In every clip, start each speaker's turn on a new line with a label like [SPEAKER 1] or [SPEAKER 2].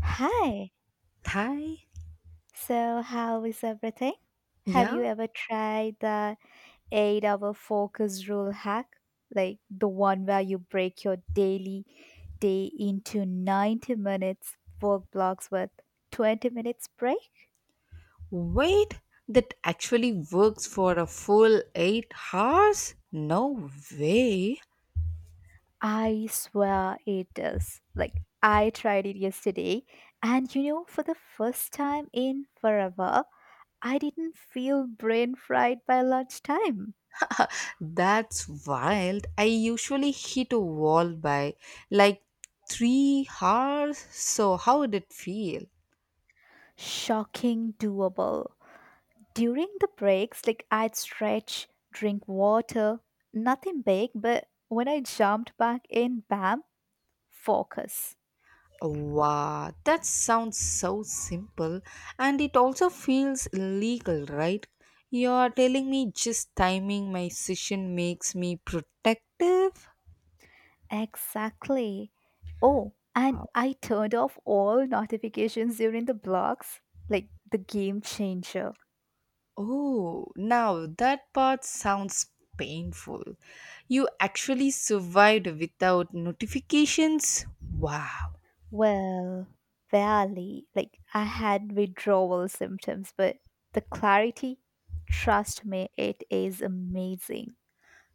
[SPEAKER 1] Hi.
[SPEAKER 2] Thai?
[SPEAKER 1] So, how is everything? Have you
[SPEAKER 2] Yeah.
[SPEAKER 1] ever tried the 8-hour focus rule hack? Like the one where you break your daily day into 90 minutes work blocks with 20 minutes break?
[SPEAKER 2] Wait, that actually works for a full 8 hours? No way.
[SPEAKER 1] I swear it is. Like I tried it yesterday and you know for the first time in forever, I didn't feel brain fried by lunchtime.
[SPEAKER 2] That's wild. I usually hit a wall by like 3 hours. So, how would it feel?
[SPEAKER 1] Shocking doable. During the breaks, like I'd stretch, drink water, nothing big, but when I jumped back in, bam, focus.
[SPEAKER 2] Wow, that sounds so simple. And it also feels illegal, right? You're telling me just timing my session makes me protective?
[SPEAKER 1] Exactly. Oh, and I turned off all notifications during the blocks, like the game changer.
[SPEAKER 2] Oh, now that part sounds painful. You actually survived without notifications? Wow.
[SPEAKER 1] Well, barely. Like I had withdrawal symptoms, but the clarity, trust me, it is amazing.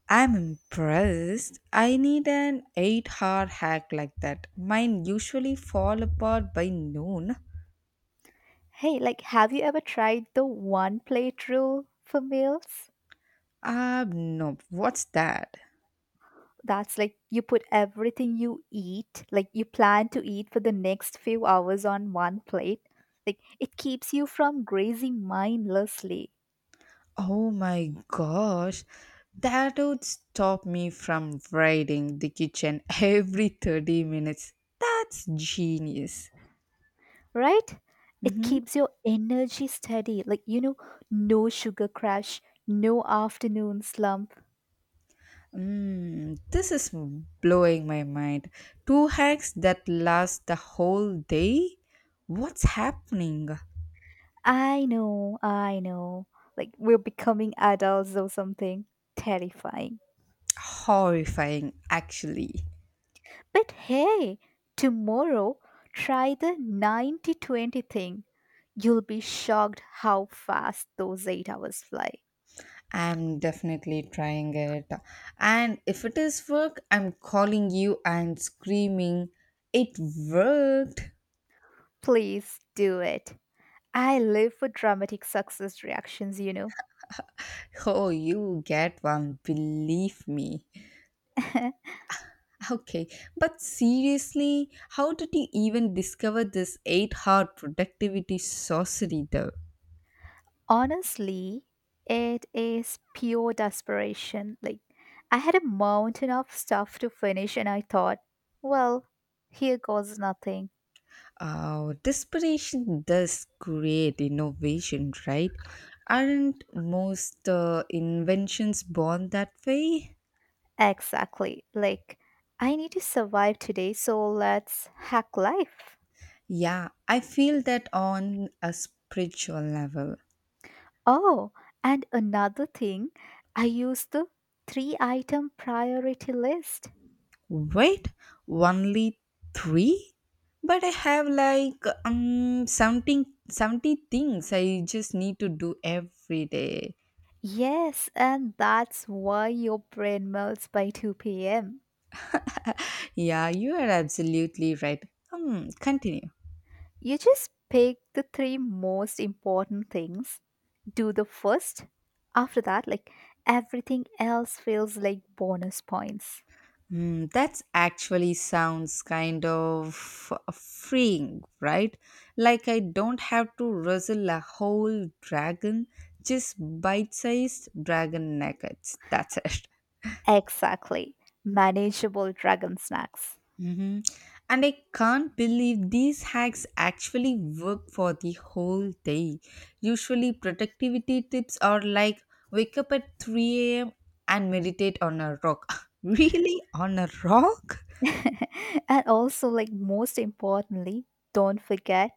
[SPEAKER 2] I'm impressed. I need an 8-hour hack like that. Mine usually fall apart by noon.
[SPEAKER 1] Hey, like, have you ever tried the one plate rule for meals?
[SPEAKER 2] Ah, no. What's that?
[SPEAKER 1] That's like you put everything you eat, like you plan to eat for the next few hours on one plate. Like, it keeps you from grazing mindlessly,
[SPEAKER 2] Oh my gosh. That would stop me from raiding the kitchen every 30 minutes. That's genius.
[SPEAKER 1] right? It
[SPEAKER 2] Mhm.
[SPEAKER 1] keeps your energy steady. Like, you know, no sugar crash, no afternoon slump.
[SPEAKER 2] This is blowing my mind. Two hacks that last the whole day? What's happening?
[SPEAKER 1] I know, I know. Like, we're becoming adults or something. Terrifying.
[SPEAKER 2] Horrifying, actually.
[SPEAKER 1] But hey, tomorrow try the 90/20 thing. You'll be shocked how fast those 8 hours fly.
[SPEAKER 2] I'm definitely trying it. And if it is work, I'm calling you and screaming, It worked!
[SPEAKER 1] Please do it. I live for dramatic success reactions, you know.
[SPEAKER 2] Oh, you get one, believe me. Okay, but seriously, how did you even discover this 8-hour productivity sorcery though?
[SPEAKER 1] Honestly, it is pure desperation. Like, I had a mountain of stuff to finish, and I thought, well, here goes nothing.
[SPEAKER 2] Desperation does create innovation, right? Aren't most inventions born that way?
[SPEAKER 1] Exactly. Like, I need to survive today, so let's hack life.
[SPEAKER 2] Yeah, I feel that on a spiritual level.
[SPEAKER 1] Oh, and another thing, I use the three item priority list.
[SPEAKER 2] Wait, only three? But I have like something 70 things I just need to do every day.
[SPEAKER 1] Yes, and that's why your brain melts by 2 p.m.
[SPEAKER 2] Yeah, you are absolutely right. Hmm, continue.
[SPEAKER 1] You just pick the three most important things, do the first. After that, like everything else feels like bonus points.
[SPEAKER 2] That's actually sounds kind of freeing, right? Like I don't have to wrestle a whole dragon, just bite-sized dragon nuggets. That's it.
[SPEAKER 1] Exactly. Manageable dragon snacks.
[SPEAKER 2] Hmm. And I can't believe these hacks actually work for the whole day. Usually, productivity tips are like wake up at 3 a.m. and meditate on a rock. Really? On a rock?
[SPEAKER 1] And also, like, most importantly, don't forget,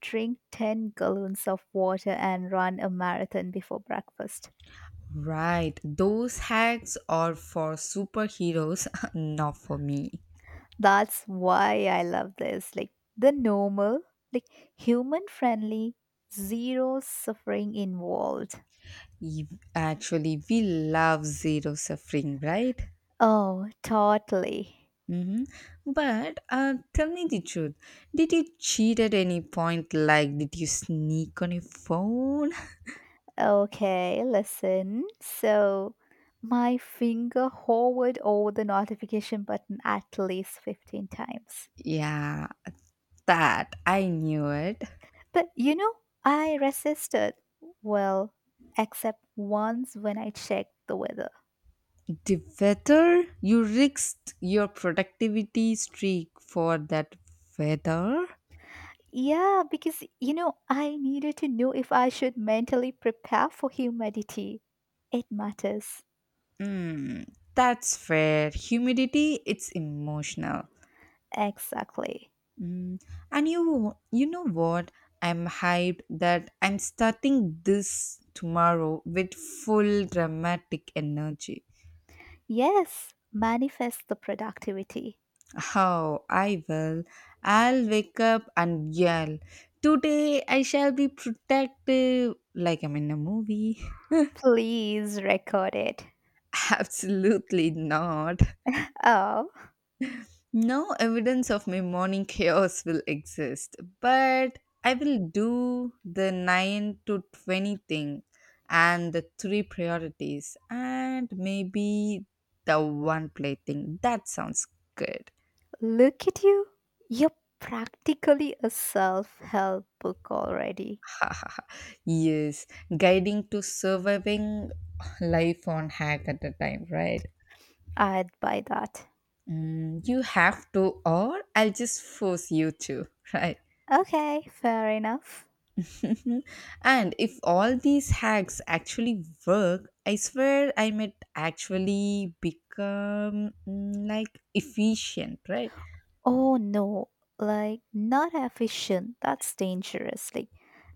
[SPEAKER 1] drink 10 gallons of water and run a marathon before breakfast.
[SPEAKER 2] Right, those hacks are for superheroes, not for me.
[SPEAKER 1] That's why I love this, like the normal, like human friendly, zero suffering involved.
[SPEAKER 2] E- Actually, we love zero suffering, right?
[SPEAKER 1] Oh, totally.
[SPEAKER 2] hmm But tell me the truth. Did you cheat at any point? Like, did you sneak on your phone?
[SPEAKER 1] Okay, listen, so my finger hovered over the notification button at least 15 times.
[SPEAKER 2] Yeah, that I knew it.
[SPEAKER 1] But you know, I resisted. Well, except once when I checked the weather.
[SPEAKER 2] The weather, you risked your productivity streak for that weather.
[SPEAKER 1] Yeah, because you know, I needed to know if I should mentally prepare for humidity. It matters.
[SPEAKER 2] Mm, that's fair. Humidity, it's emotional.
[SPEAKER 1] Exactly.
[SPEAKER 2] Mm, and you know what? I'm hyped that I'm starting this tomorrow with full dramatic energy.
[SPEAKER 1] Yes, manifest the productivity.
[SPEAKER 2] How I will. I'll wake up and yell. Today I shall be protective, like I'm in a movie.
[SPEAKER 1] Please record it.
[SPEAKER 2] Absolutely not.
[SPEAKER 1] Oh,
[SPEAKER 2] No evidence of my morning chaos will exist, but I will do the 9 to 20 thing and the three priorities and maybe the one play thing. That sounds good.
[SPEAKER 1] look at you. You're practically a self help book already.
[SPEAKER 2] Yes, guiding to surviving life on hack at a time, right?
[SPEAKER 1] I'd buy that.
[SPEAKER 2] You have to, or I'll just force you to, right?
[SPEAKER 1] Okay, fair enough.
[SPEAKER 2] Mhm. And if all these hacks actually work, I swear I might actually become like efficient, right?
[SPEAKER 1] Oh no, like not efficient. That's dangerous. Like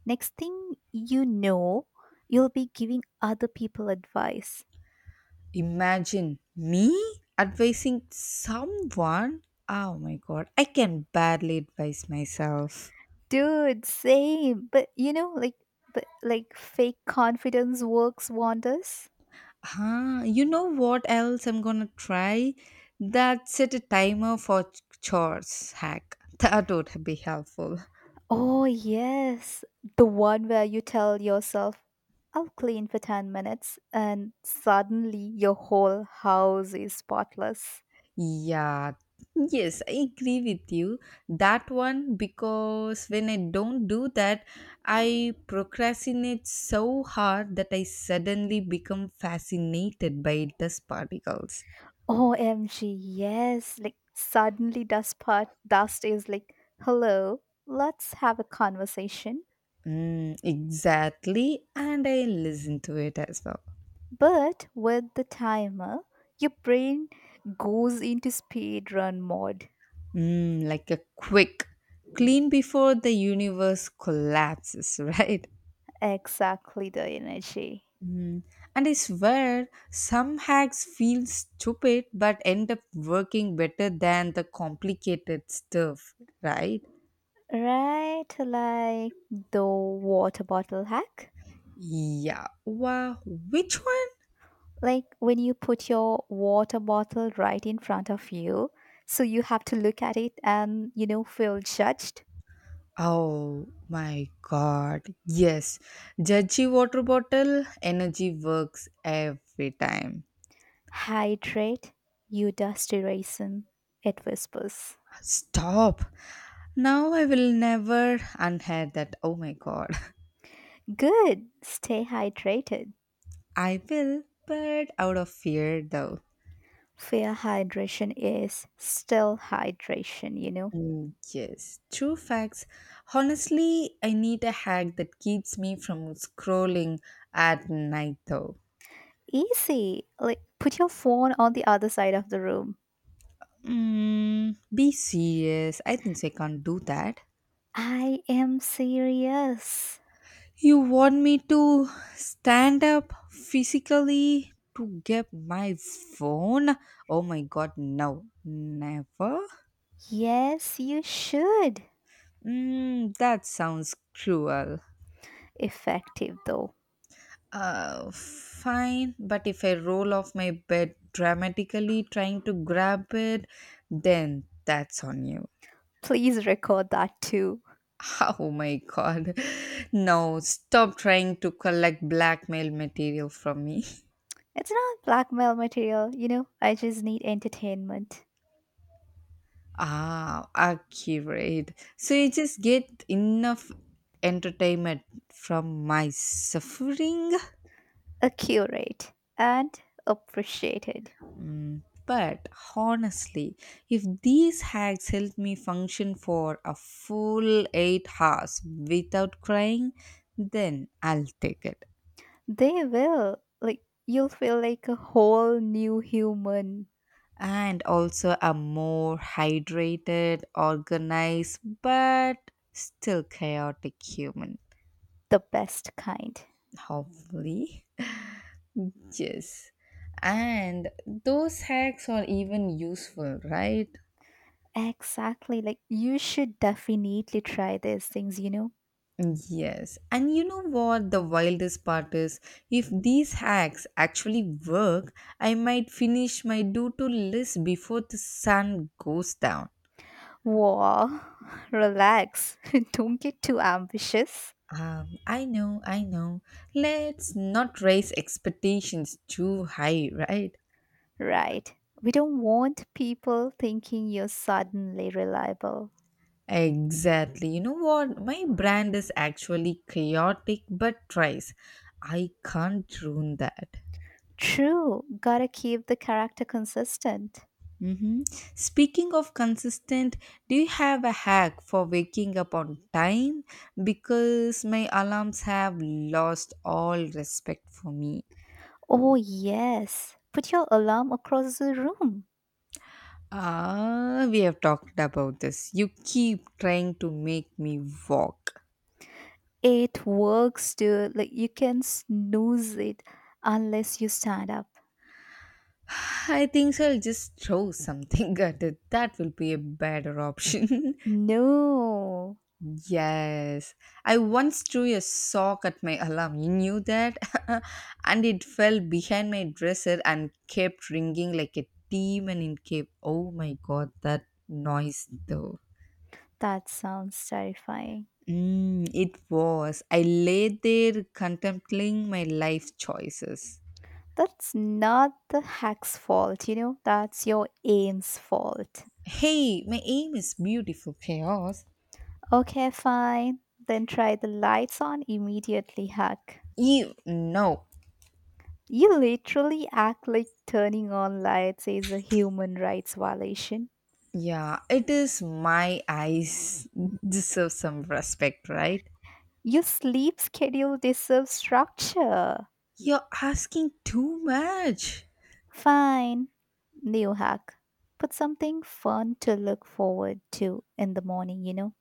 [SPEAKER 1] next thing you know, you'll be giving other people advice.
[SPEAKER 2] Imagine me advising someone. Oh my god, I can barely advise myself.
[SPEAKER 1] Dude, same. But you know, like, but like fake confidence works wonders.
[SPEAKER 2] Huh, you know what else I'm gonna try? That set a timer for chores hack. That would be helpful.
[SPEAKER 1] Oh yes. The one where you tell yourself, I'll clean for 10 minutes and suddenly your whole house is spotless.
[SPEAKER 2] Yeah, yes, I agree with you. That one, because when I don't do that, I procrastinate so hard that I suddenly become fascinated by dust particles.
[SPEAKER 1] OMG, yes. Like suddenly dust is like, hello, let's have a conversation.
[SPEAKER 2] Exactly, and I listen to it as well.
[SPEAKER 1] But with the timer, your brain goes into speed run mode.
[SPEAKER 2] Like a quick clean before the universe collapses, right?
[SPEAKER 1] Exactly the energy.
[SPEAKER 2] Mhm. And I swear, some hacks feel stupid but end up working better than the complicated stuff, right?
[SPEAKER 1] Right, like the water bottle hack.
[SPEAKER 2] Yeah. Wow. Which one?
[SPEAKER 1] Like when you put your water bottle right in front of you, so you have to look at it and you know feel judged.
[SPEAKER 2] Oh my god. Yes. Judgy water bottle energy works every time.
[SPEAKER 1] Hydrate, you dusty raisin, it whispers.
[SPEAKER 2] Stop. Now I will never unhead that. Oh my god.
[SPEAKER 1] Good, stay hydrated.
[SPEAKER 2] I will, but out of fear though.
[SPEAKER 1] Fair hydration is still hydration, you know.
[SPEAKER 2] Mm, yes, true facts. Honestly, I need a hack that keeps me from scrolling at night though.
[SPEAKER 1] Easy, like put your phone on the other side of the room.
[SPEAKER 2] Be serious. I think so I can't do that.
[SPEAKER 1] I am serious.
[SPEAKER 2] You want me to stand up physically to get my phone? Oh my god, no. Never?
[SPEAKER 1] Yes, you should.
[SPEAKER 2] That sounds cruel.
[SPEAKER 1] Effective though.
[SPEAKER 2] Fine, but if I roll off my bed dramatically trying to grab it, then that's on you.
[SPEAKER 1] Please record that too.
[SPEAKER 2] Oh my god. No, stop trying to collect blackmail material from me.
[SPEAKER 1] It's not blackmail material, you know. I just need entertainment,
[SPEAKER 2] Ah, accurate. So you just get enough entertainment from my suffering?
[SPEAKER 1] accurate, and appreciated.
[SPEAKER 2] But honestly, if these hacks help me function for a full 8 hours without crying, then I'll take it.
[SPEAKER 1] They will. Like, you'll feel like a whole new human,
[SPEAKER 2] And also, I'm more hydrated, organized, but still chaotic human.
[SPEAKER 1] the best kind.
[SPEAKER 2] Hopefully, yes. And those hacks are even useful, right?
[SPEAKER 1] Exactly. Like, you should definitely try these things, you know?
[SPEAKER 2] Yes, and you know what the wildest part is? If these hacks actually work, I might finish my do to list before the sun goes down.
[SPEAKER 1] Whoa, relax. Don't get too ambitious.
[SPEAKER 2] I know, I know. Let's not raise expectations too high, right?
[SPEAKER 1] Right. We don't want people thinking you're suddenly reliable.
[SPEAKER 2] Exactly. You know what? My brand is actually chaotic but tries. I can't ruin that.
[SPEAKER 1] True. Gotta keep the character consistent.
[SPEAKER 2] hmm Speaking of consistent, do you have a hack for waking up on time? Because my alarms have lost all respect for me.
[SPEAKER 1] Oh, yes. Put your alarm across the room.
[SPEAKER 2] Ah, we have talked about this. You keep trying to make me walk.
[SPEAKER 1] It works too. Like you can snooze it unless you stand up.
[SPEAKER 2] I think so. I'll just throw something at it. That will be a better option.
[SPEAKER 1] No,
[SPEAKER 2] Yes, I once threw a sock at my alarm. You knew that? And it fell behind my dresser and kept ringing like a demon in cave. Oh my god, that noise though.
[SPEAKER 1] that sounds terrifying.
[SPEAKER 2] It was. I lay there contemplating my life choices.
[SPEAKER 1] That's not the hack's fault, you know? That's your aim's fault.
[SPEAKER 2] Hey, my aim is beautiful chaos.
[SPEAKER 1] Okay, fine. Then try the lights on immediately, hack.
[SPEAKER 2] You know.
[SPEAKER 1] You literally act like turning on lights is a human rights violation.
[SPEAKER 2] Yeah, it is my eyes deserve some respect, right?
[SPEAKER 1] Your sleep schedule deserves structure.
[SPEAKER 2] You're asking too much.
[SPEAKER 1] Fine, new hack. Put something fun to look forward to in the morning, you know?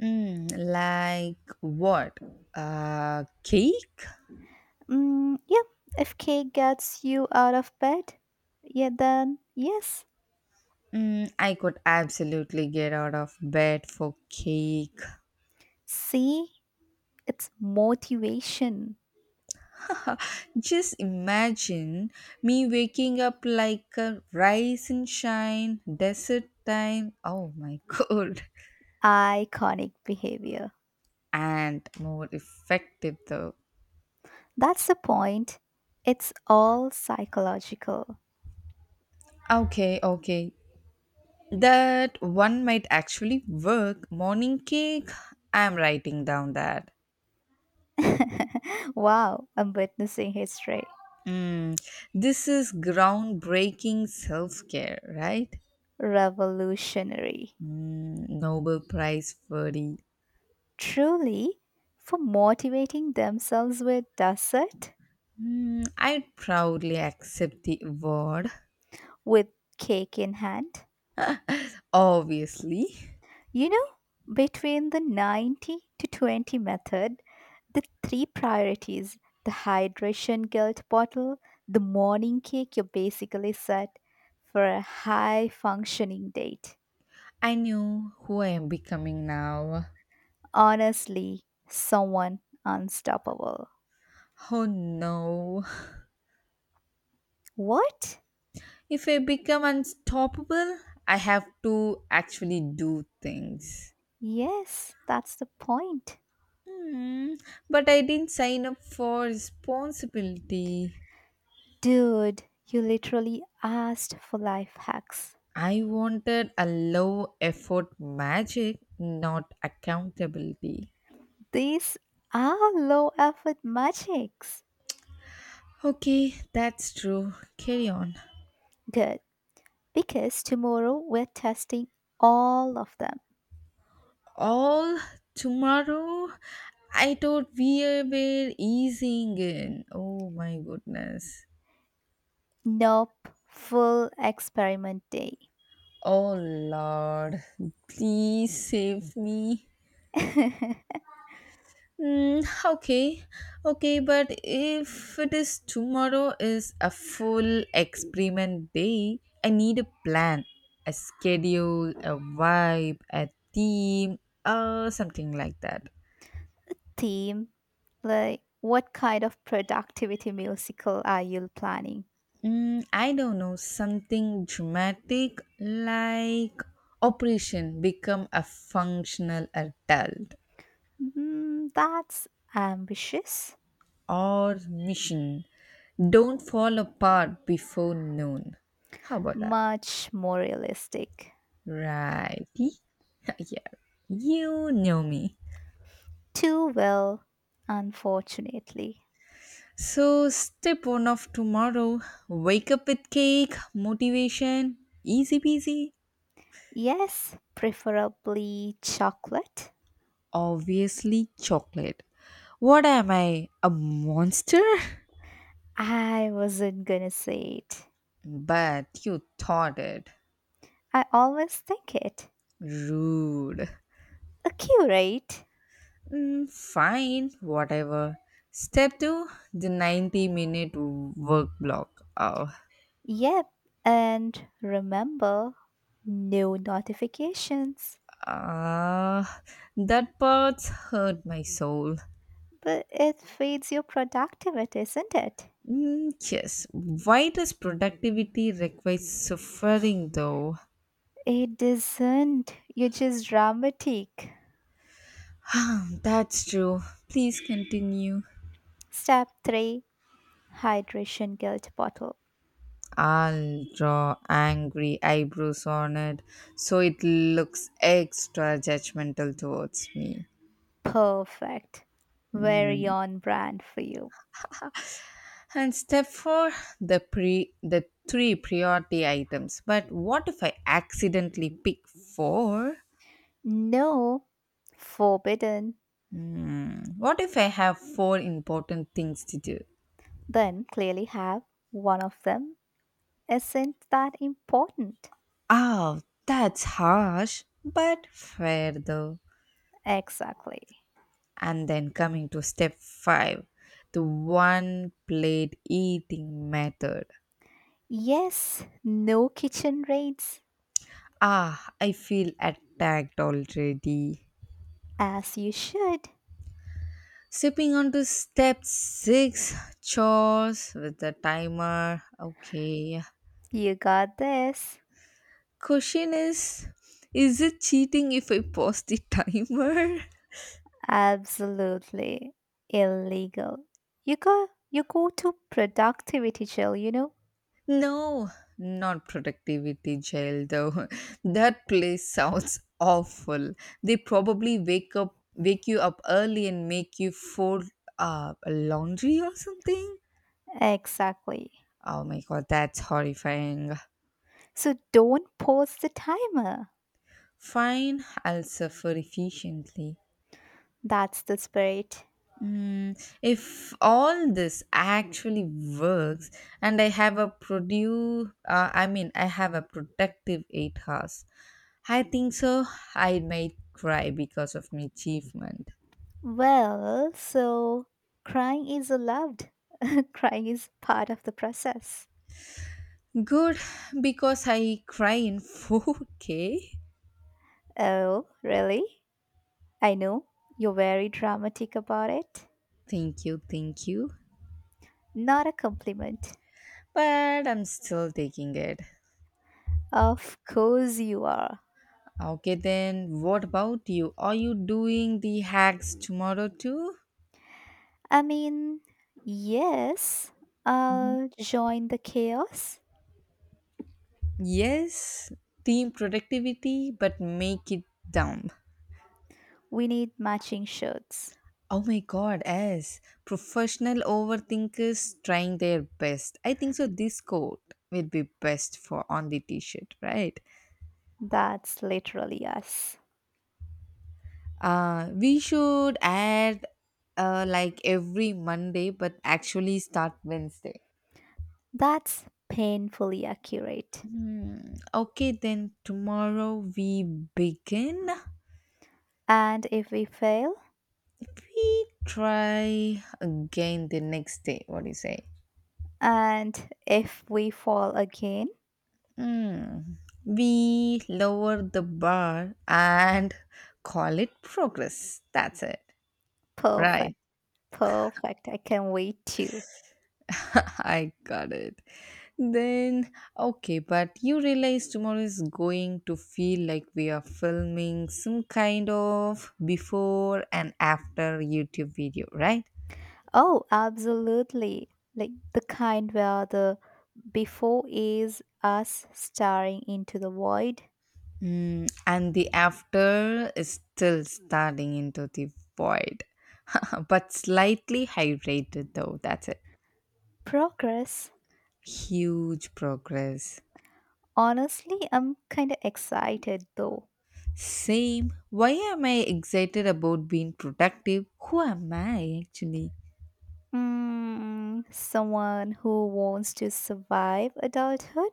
[SPEAKER 2] Like what? Cake?
[SPEAKER 1] Mm, yeah, if cake gets you out of bed, yeah, then yes.
[SPEAKER 2] I could absolutely get out of bed for cake.
[SPEAKER 1] See, it's motivation,
[SPEAKER 2] Just imagine me waking up like a rise and shine, desert time. Oh my god.
[SPEAKER 1] iconic behavior.
[SPEAKER 2] And more effective though.
[SPEAKER 1] That's the point. It's all psychological.
[SPEAKER 2] Okay, okay. That one might actually work. Morning cake. I'm writing down that.
[SPEAKER 1] Wow, I'm witnessing history.
[SPEAKER 2] Mm, this is groundbreaking self care, right?
[SPEAKER 1] Revolutionary.
[SPEAKER 2] Nobel Prize worthy.
[SPEAKER 1] Truly, for motivating themselves with dessert
[SPEAKER 2] I proudly accept the award.
[SPEAKER 1] with cake in hand.
[SPEAKER 2] Obviously,
[SPEAKER 1] You know, between the 90 to 20 method, the three priorities, the hydration guilt bottle, the morning cake, you're basically set for a high functioning date.
[SPEAKER 2] I knew who I am becoming now.
[SPEAKER 1] Honestly, someone unstoppable.
[SPEAKER 2] Oh no.
[SPEAKER 1] What?
[SPEAKER 2] If I become unstoppable, I have to actually do things.
[SPEAKER 1] Yes, that's the point.
[SPEAKER 2] Hmm, but I didn't sign up for responsibility.
[SPEAKER 1] Dude, you literally asked for life hacks.
[SPEAKER 2] I wanted a low effort magic, not accountability.
[SPEAKER 1] These are low effort magics.
[SPEAKER 2] Okay, that's true. Carry on.
[SPEAKER 1] Good, because tomorrow we're testing all of them.
[SPEAKER 2] All tomorrow, I thought we were easing in. Oh my goodness.
[SPEAKER 1] Nope, full experiment day.
[SPEAKER 2] Oh Lord, please save me. Mm, okay, okay, but if it is tomorrow is a full experiment day, I need a plan, a schedule, a vibe, a theme, or something like that.
[SPEAKER 1] Theme like, what kind of productivity musical are you planning?
[SPEAKER 2] I don't know, something dramatic like operation become a functional adult
[SPEAKER 1] Mm, that's ambitious,
[SPEAKER 2] or mission don't fall apart before noon. How about that?
[SPEAKER 1] much more realistic.
[SPEAKER 2] Righty. Yeah, you know me.
[SPEAKER 1] Too well, unfortunately.
[SPEAKER 2] So, step one of tomorrow, wake up with cake, motivation, easy peasy,
[SPEAKER 1] Yes, preferably chocolate.
[SPEAKER 2] obviously chocolate. What am I, a monster?
[SPEAKER 1] I wasn't gonna say it.
[SPEAKER 2] But you thought it.
[SPEAKER 1] I always think it.
[SPEAKER 2] Rude.
[SPEAKER 1] A curate.
[SPEAKER 2] Fine, whatever. Step two, the 90-minute work block. Oh,
[SPEAKER 1] Yep, and remember, no notifications.
[SPEAKER 2] ah, that part hurt my soul.
[SPEAKER 1] But it feeds your productivity, isn't it?
[SPEAKER 2] Mm, yes. Why does productivity require suffering though?
[SPEAKER 1] It doesn't. You're just dramatic.
[SPEAKER 2] That's true. Please continue.
[SPEAKER 1] Step 3 Hydration Guilt Bottle.
[SPEAKER 2] I'll draw angry eyebrows on it so it looks extra judgmental towards me.
[SPEAKER 1] Perfect. Very on brand for you.
[SPEAKER 2] And step four, the three priority items. But what if I accidentally pick four?
[SPEAKER 1] No, forbidden,
[SPEAKER 2] What if I have four important things to do?
[SPEAKER 1] then clearly have one of them isn't that important.
[SPEAKER 2] Oh, that's harsh, but fair though.
[SPEAKER 1] Exactly.
[SPEAKER 2] And then coming to step 5, the one plate eating method.
[SPEAKER 1] Yes, no kitchen raids,
[SPEAKER 2] Ah, I feel attacked already.
[SPEAKER 1] as you should.
[SPEAKER 2] Sipping onto step 6, chores with the timer. Okay.
[SPEAKER 1] You got this.
[SPEAKER 2] Question is it cheating if I pause the timer?
[SPEAKER 1] Absolutely illegal. You go to productivity jail, you know?
[SPEAKER 2] No, not productivity jail though. That place sounds awful. They probably wake you up early and make you fold laundry or something.
[SPEAKER 1] Exactly.
[SPEAKER 2] Oh my god, that's horrifying.
[SPEAKER 1] So don't pause the timer.
[SPEAKER 2] Fine, I'll suffer efficiently.
[SPEAKER 1] That's the spirit.
[SPEAKER 2] If all this actually works and I mean, I have a productive 8 hours, I think so. I might cry because of my achievement.
[SPEAKER 1] Well, so crying is allowed. Crying is part of the process.
[SPEAKER 2] Good, because I cry in 4K.
[SPEAKER 1] Oh, really? I know. You're very dramatic about it.
[SPEAKER 2] Thank you, thank you.
[SPEAKER 1] Not a compliment.
[SPEAKER 2] But I'm still taking it.
[SPEAKER 1] Of course you are.
[SPEAKER 2] Okay, then what about you? Are you doing the hacks tomorrow too?
[SPEAKER 1] I mean, yes, I'll join the chaos.
[SPEAKER 2] Yes, team productivity, but make it dumb.
[SPEAKER 1] We need matching shirts.
[SPEAKER 2] Oh my god, as professional overthinkers trying their best. I think so this quote will be best for on the t-shirt, right?
[SPEAKER 1] That's literally us.
[SPEAKER 2] We should add like every Monday but actually start Wednesday.
[SPEAKER 1] That's painfully accurate.
[SPEAKER 2] Okay then tomorrow we begin.
[SPEAKER 1] And if we fail,
[SPEAKER 2] We try again the next day. What do you say?
[SPEAKER 1] and if we fall again,
[SPEAKER 2] Mm. We lower the bar and call it progress. That's it.
[SPEAKER 1] perfect.
[SPEAKER 2] Right.
[SPEAKER 1] Perfect. I can't wait to.
[SPEAKER 2] I got it. Then, okay, but you realize tomorrow is going to feel like we are filming some kind of before and after YouTube video, right?
[SPEAKER 1] Oh, absolutely. Like the kind where the before is us staring into the void.
[SPEAKER 2] And the after is still starting into the void, but slightly hydrated though. That's it.
[SPEAKER 1] Progress.
[SPEAKER 2] Huge progress.
[SPEAKER 1] Honestly, I'm kind of excited though.
[SPEAKER 2] Same. Why am I excited about being productive? Who am I actually?
[SPEAKER 1] Mm, someone who wants to survive adulthood?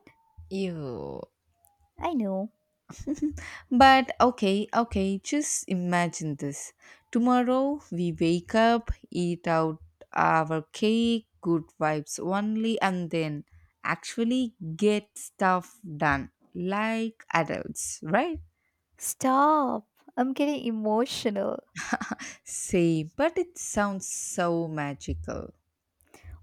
[SPEAKER 2] Ew.
[SPEAKER 1] I know.
[SPEAKER 2] But okay, okay, just imagine this. Tomorrow we wake up, eat out our cake, good vibes only, and then actually get stuff done like adults, right?
[SPEAKER 1] Stop. I'm getting emotional.
[SPEAKER 2] Same, but it sounds so magical.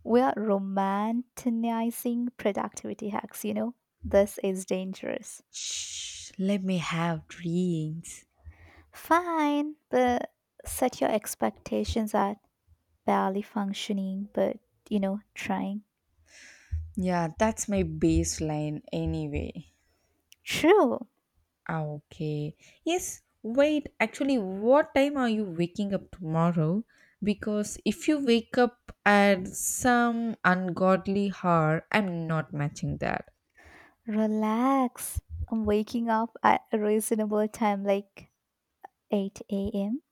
[SPEAKER 1] We are romanticizing productivity hacks, you know? This is dangerous.
[SPEAKER 2] Shh, let me have dreams.
[SPEAKER 1] Fine, but set your expectations at barely functioning, but you know, trying.
[SPEAKER 2] Yeah, that's my baseline anyway.
[SPEAKER 1] True.
[SPEAKER 2] Ah, okay. Yes, wait. Actually, what time are you waking up tomorrow? Because if you wake up at some ungodly hour, I'm not matching that.
[SPEAKER 1] Relax. I'm waking up at a reasonable time like 8 a.m.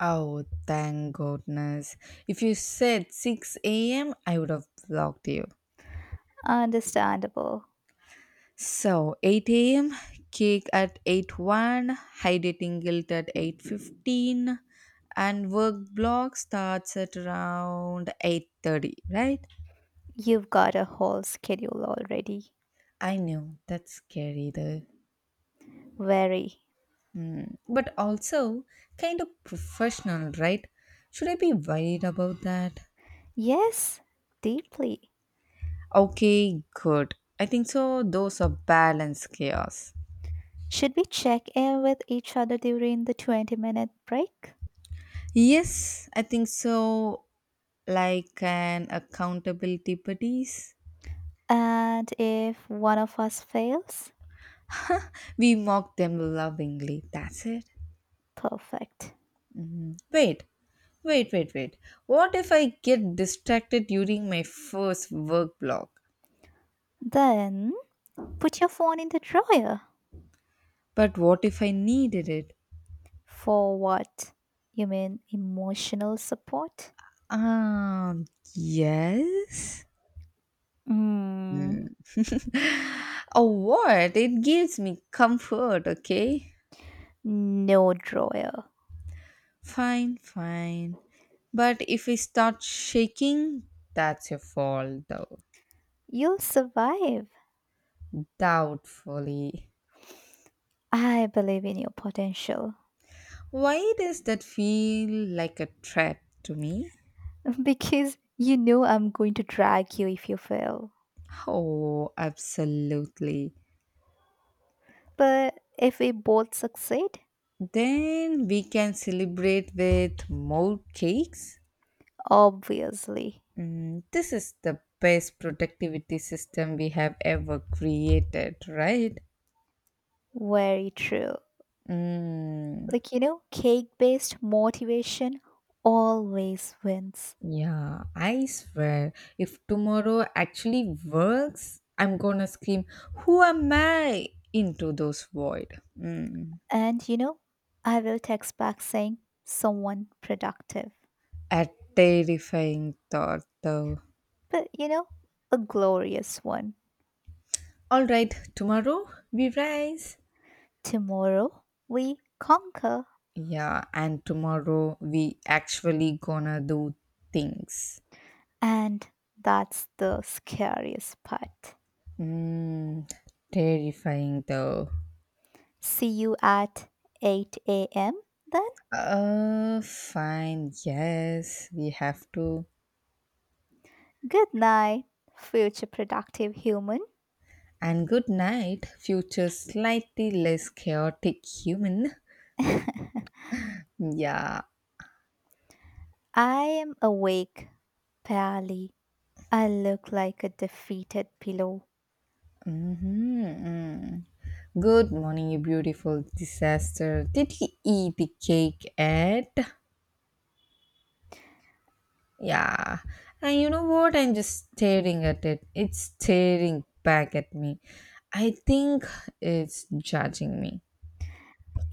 [SPEAKER 2] Oh, thank goodness. If you said 6 a.m., I would have blocked you.
[SPEAKER 1] Understandable.
[SPEAKER 2] So 8 a.m. cake at 8:01, high dating guilt at 8:15, and work block starts at around 8:30. Right?
[SPEAKER 1] You've got a whole schedule already.
[SPEAKER 2] I know that's scary though,
[SPEAKER 1] Very.
[SPEAKER 2] Hmm. but also kind of professional, right? Should I be worried about that?
[SPEAKER 1] Yes, deeply.
[SPEAKER 2] Okay, good. I think so. Those are balanced chaos.
[SPEAKER 1] Should we check in with each other during the 20-minute break?
[SPEAKER 2] Yes, I think so. Like an accountability buddies.
[SPEAKER 1] And if one of us fails,
[SPEAKER 2] We mock them lovingly. That's it.
[SPEAKER 1] perfect.
[SPEAKER 2] Wait, wait, wait, wait. What if I get distracted during my first work block?
[SPEAKER 1] Then put your phone in the drawer.
[SPEAKER 2] But what if I needed it?
[SPEAKER 1] For what? You mean emotional support?
[SPEAKER 2] Um, yes?
[SPEAKER 1] Mm,
[SPEAKER 2] Hmm. Oh, what? It gives me comfort, okay?
[SPEAKER 1] no drawer.
[SPEAKER 2] Fine, fine. But if I start shaking, that's your fault, though.
[SPEAKER 1] You'll survive.
[SPEAKER 2] Doubtfully.
[SPEAKER 1] I believe in your potential.
[SPEAKER 2] Why does that feel like a trap to me?
[SPEAKER 1] Because you know I'm going to drag you if you fail.
[SPEAKER 2] Oh, absolutely.
[SPEAKER 1] But if we both succeed,
[SPEAKER 2] Then we can celebrate with more cakes.
[SPEAKER 1] obviously.
[SPEAKER 2] This is the best productivity system we have ever created, right?
[SPEAKER 1] Very true.
[SPEAKER 2] Mm,
[SPEAKER 1] Like, you know, cake based motivation always wins.
[SPEAKER 2] yeah, I swear, if tomorrow actually works, I'm gonna scream, Who am I? Into those void. Mm,
[SPEAKER 1] And, you know, I will text back saying someone productive.
[SPEAKER 2] a terrifying thought, though.
[SPEAKER 1] But you know, a glorious one.
[SPEAKER 2] All right, tomorrow we rise.
[SPEAKER 1] Tomorrow we conquer,
[SPEAKER 2] Yeah, and tomorrow we actually gonna do things.
[SPEAKER 1] and that's the scariest part.
[SPEAKER 2] Mm, Terrifying though.
[SPEAKER 1] See you at 8 a.m. Then,
[SPEAKER 2] Fine, yes, we have to.
[SPEAKER 1] good night, future productive human.
[SPEAKER 2] And good night, future slightly less chaotic human.
[SPEAKER 1] I
[SPEAKER 2] Yeah.
[SPEAKER 1] am awake, barely. I look like a defeated pillow.
[SPEAKER 2] Mm-hmm. Mm. Good morning, you beautiful disaster. Did he eat the cake yet? Yeah, and you know what? I'm just staring at it. It's staring back at me. I think it's judging me.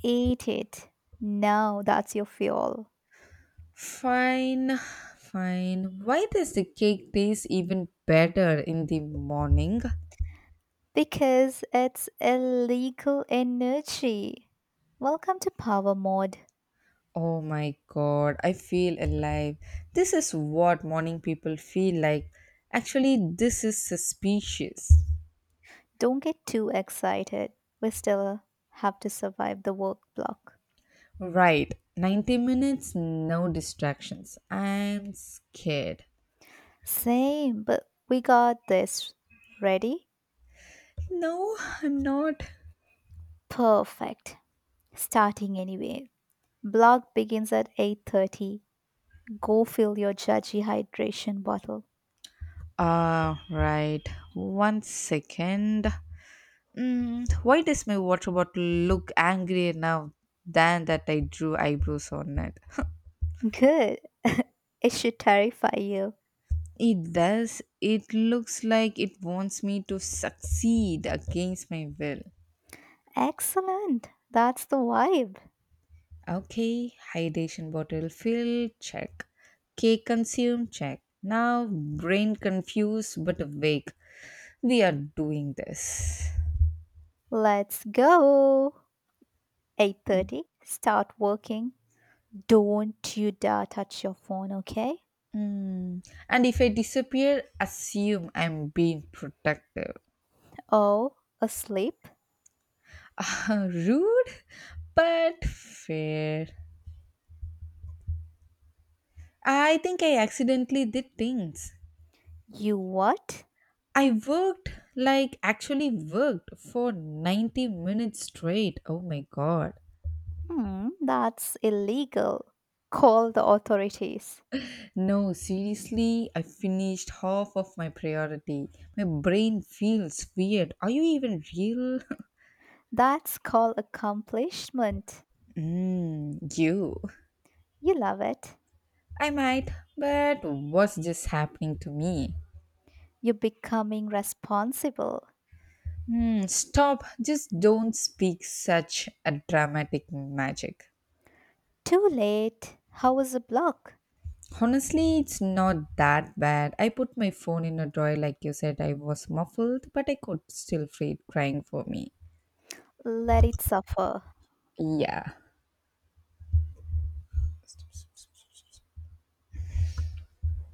[SPEAKER 1] Eat it. Now that's your fuel.
[SPEAKER 2] Fine, fine. Why does the cake taste even better in the morning?
[SPEAKER 1] Because it's illegal energy. Welcome to Power Mode.
[SPEAKER 2] Oh my god, I feel alive. This is what morning people feel like. Actually, this is suspicious.
[SPEAKER 1] Don't get too excited. We still have to survive the work block.
[SPEAKER 2] Right, 90 minutes, no distractions. I'm scared.
[SPEAKER 1] Same, but we got this. Ready?
[SPEAKER 2] No, I'm not.
[SPEAKER 1] Perfect. Starting anyway. Block begins at 8:30. Go fill your judgy hydration bottle.
[SPEAKER 2] Right. One second. Why does my water bottle look angrier now than that I drew eyebrows on it?
[SPEAKER 1] Good. It should terrify you.
[SPEAKER 2] It does. It looks like it wants me to succeed against my will.
[SPEAKER 1] Excellent. That's the vibe.
[SPEAKER 2] Okay, hydration bottle fill, check. Cake consumed, check. Now, brain confused but awake. We are doing this.
[SPEAKER 1] Let's go. 8:30. Start working. Don't you dare touch your phone, okay?
[SPEAKER 2] Mm. And if I disappear, assume I'm being protective.
[SPEAKER 1] Oh, asleep?
[SPEAKER 2] Rude, but fair. I think I accidentally did things.
[SPEAKER 1] You what?
[SPEAKER 2] I worked, like, actually worked for 90 minutes straight. Oh my god.
[SPEAKER 1] Hmm, that's illegal. Call the authorities.
[SPEAKER 2] No, seriously, I finished half of my priority. My brain feels weird. Are you even real?
[SPEAKER 1] That's called accomplishment.
[SPEAKER 2] Mm, you.
[SPEAKER 1] You love it.
[SPEAKER 2] I might, but what's just happening to me?
[SPEAKER 1] You're becoming responsible.
[SPEAKER 2] Stop. Just don't speak such a dramatic magic.
[SPEAKER 1] Too late. How was the block?
[SPEAKER 2] Honestly, it's not that bad. I put my phone in a drawer like you said. I was muffled, but I could still feel it crying for me.
[SPEAKER 1] Let it suffer.
[SPEAKER 2] Yeah.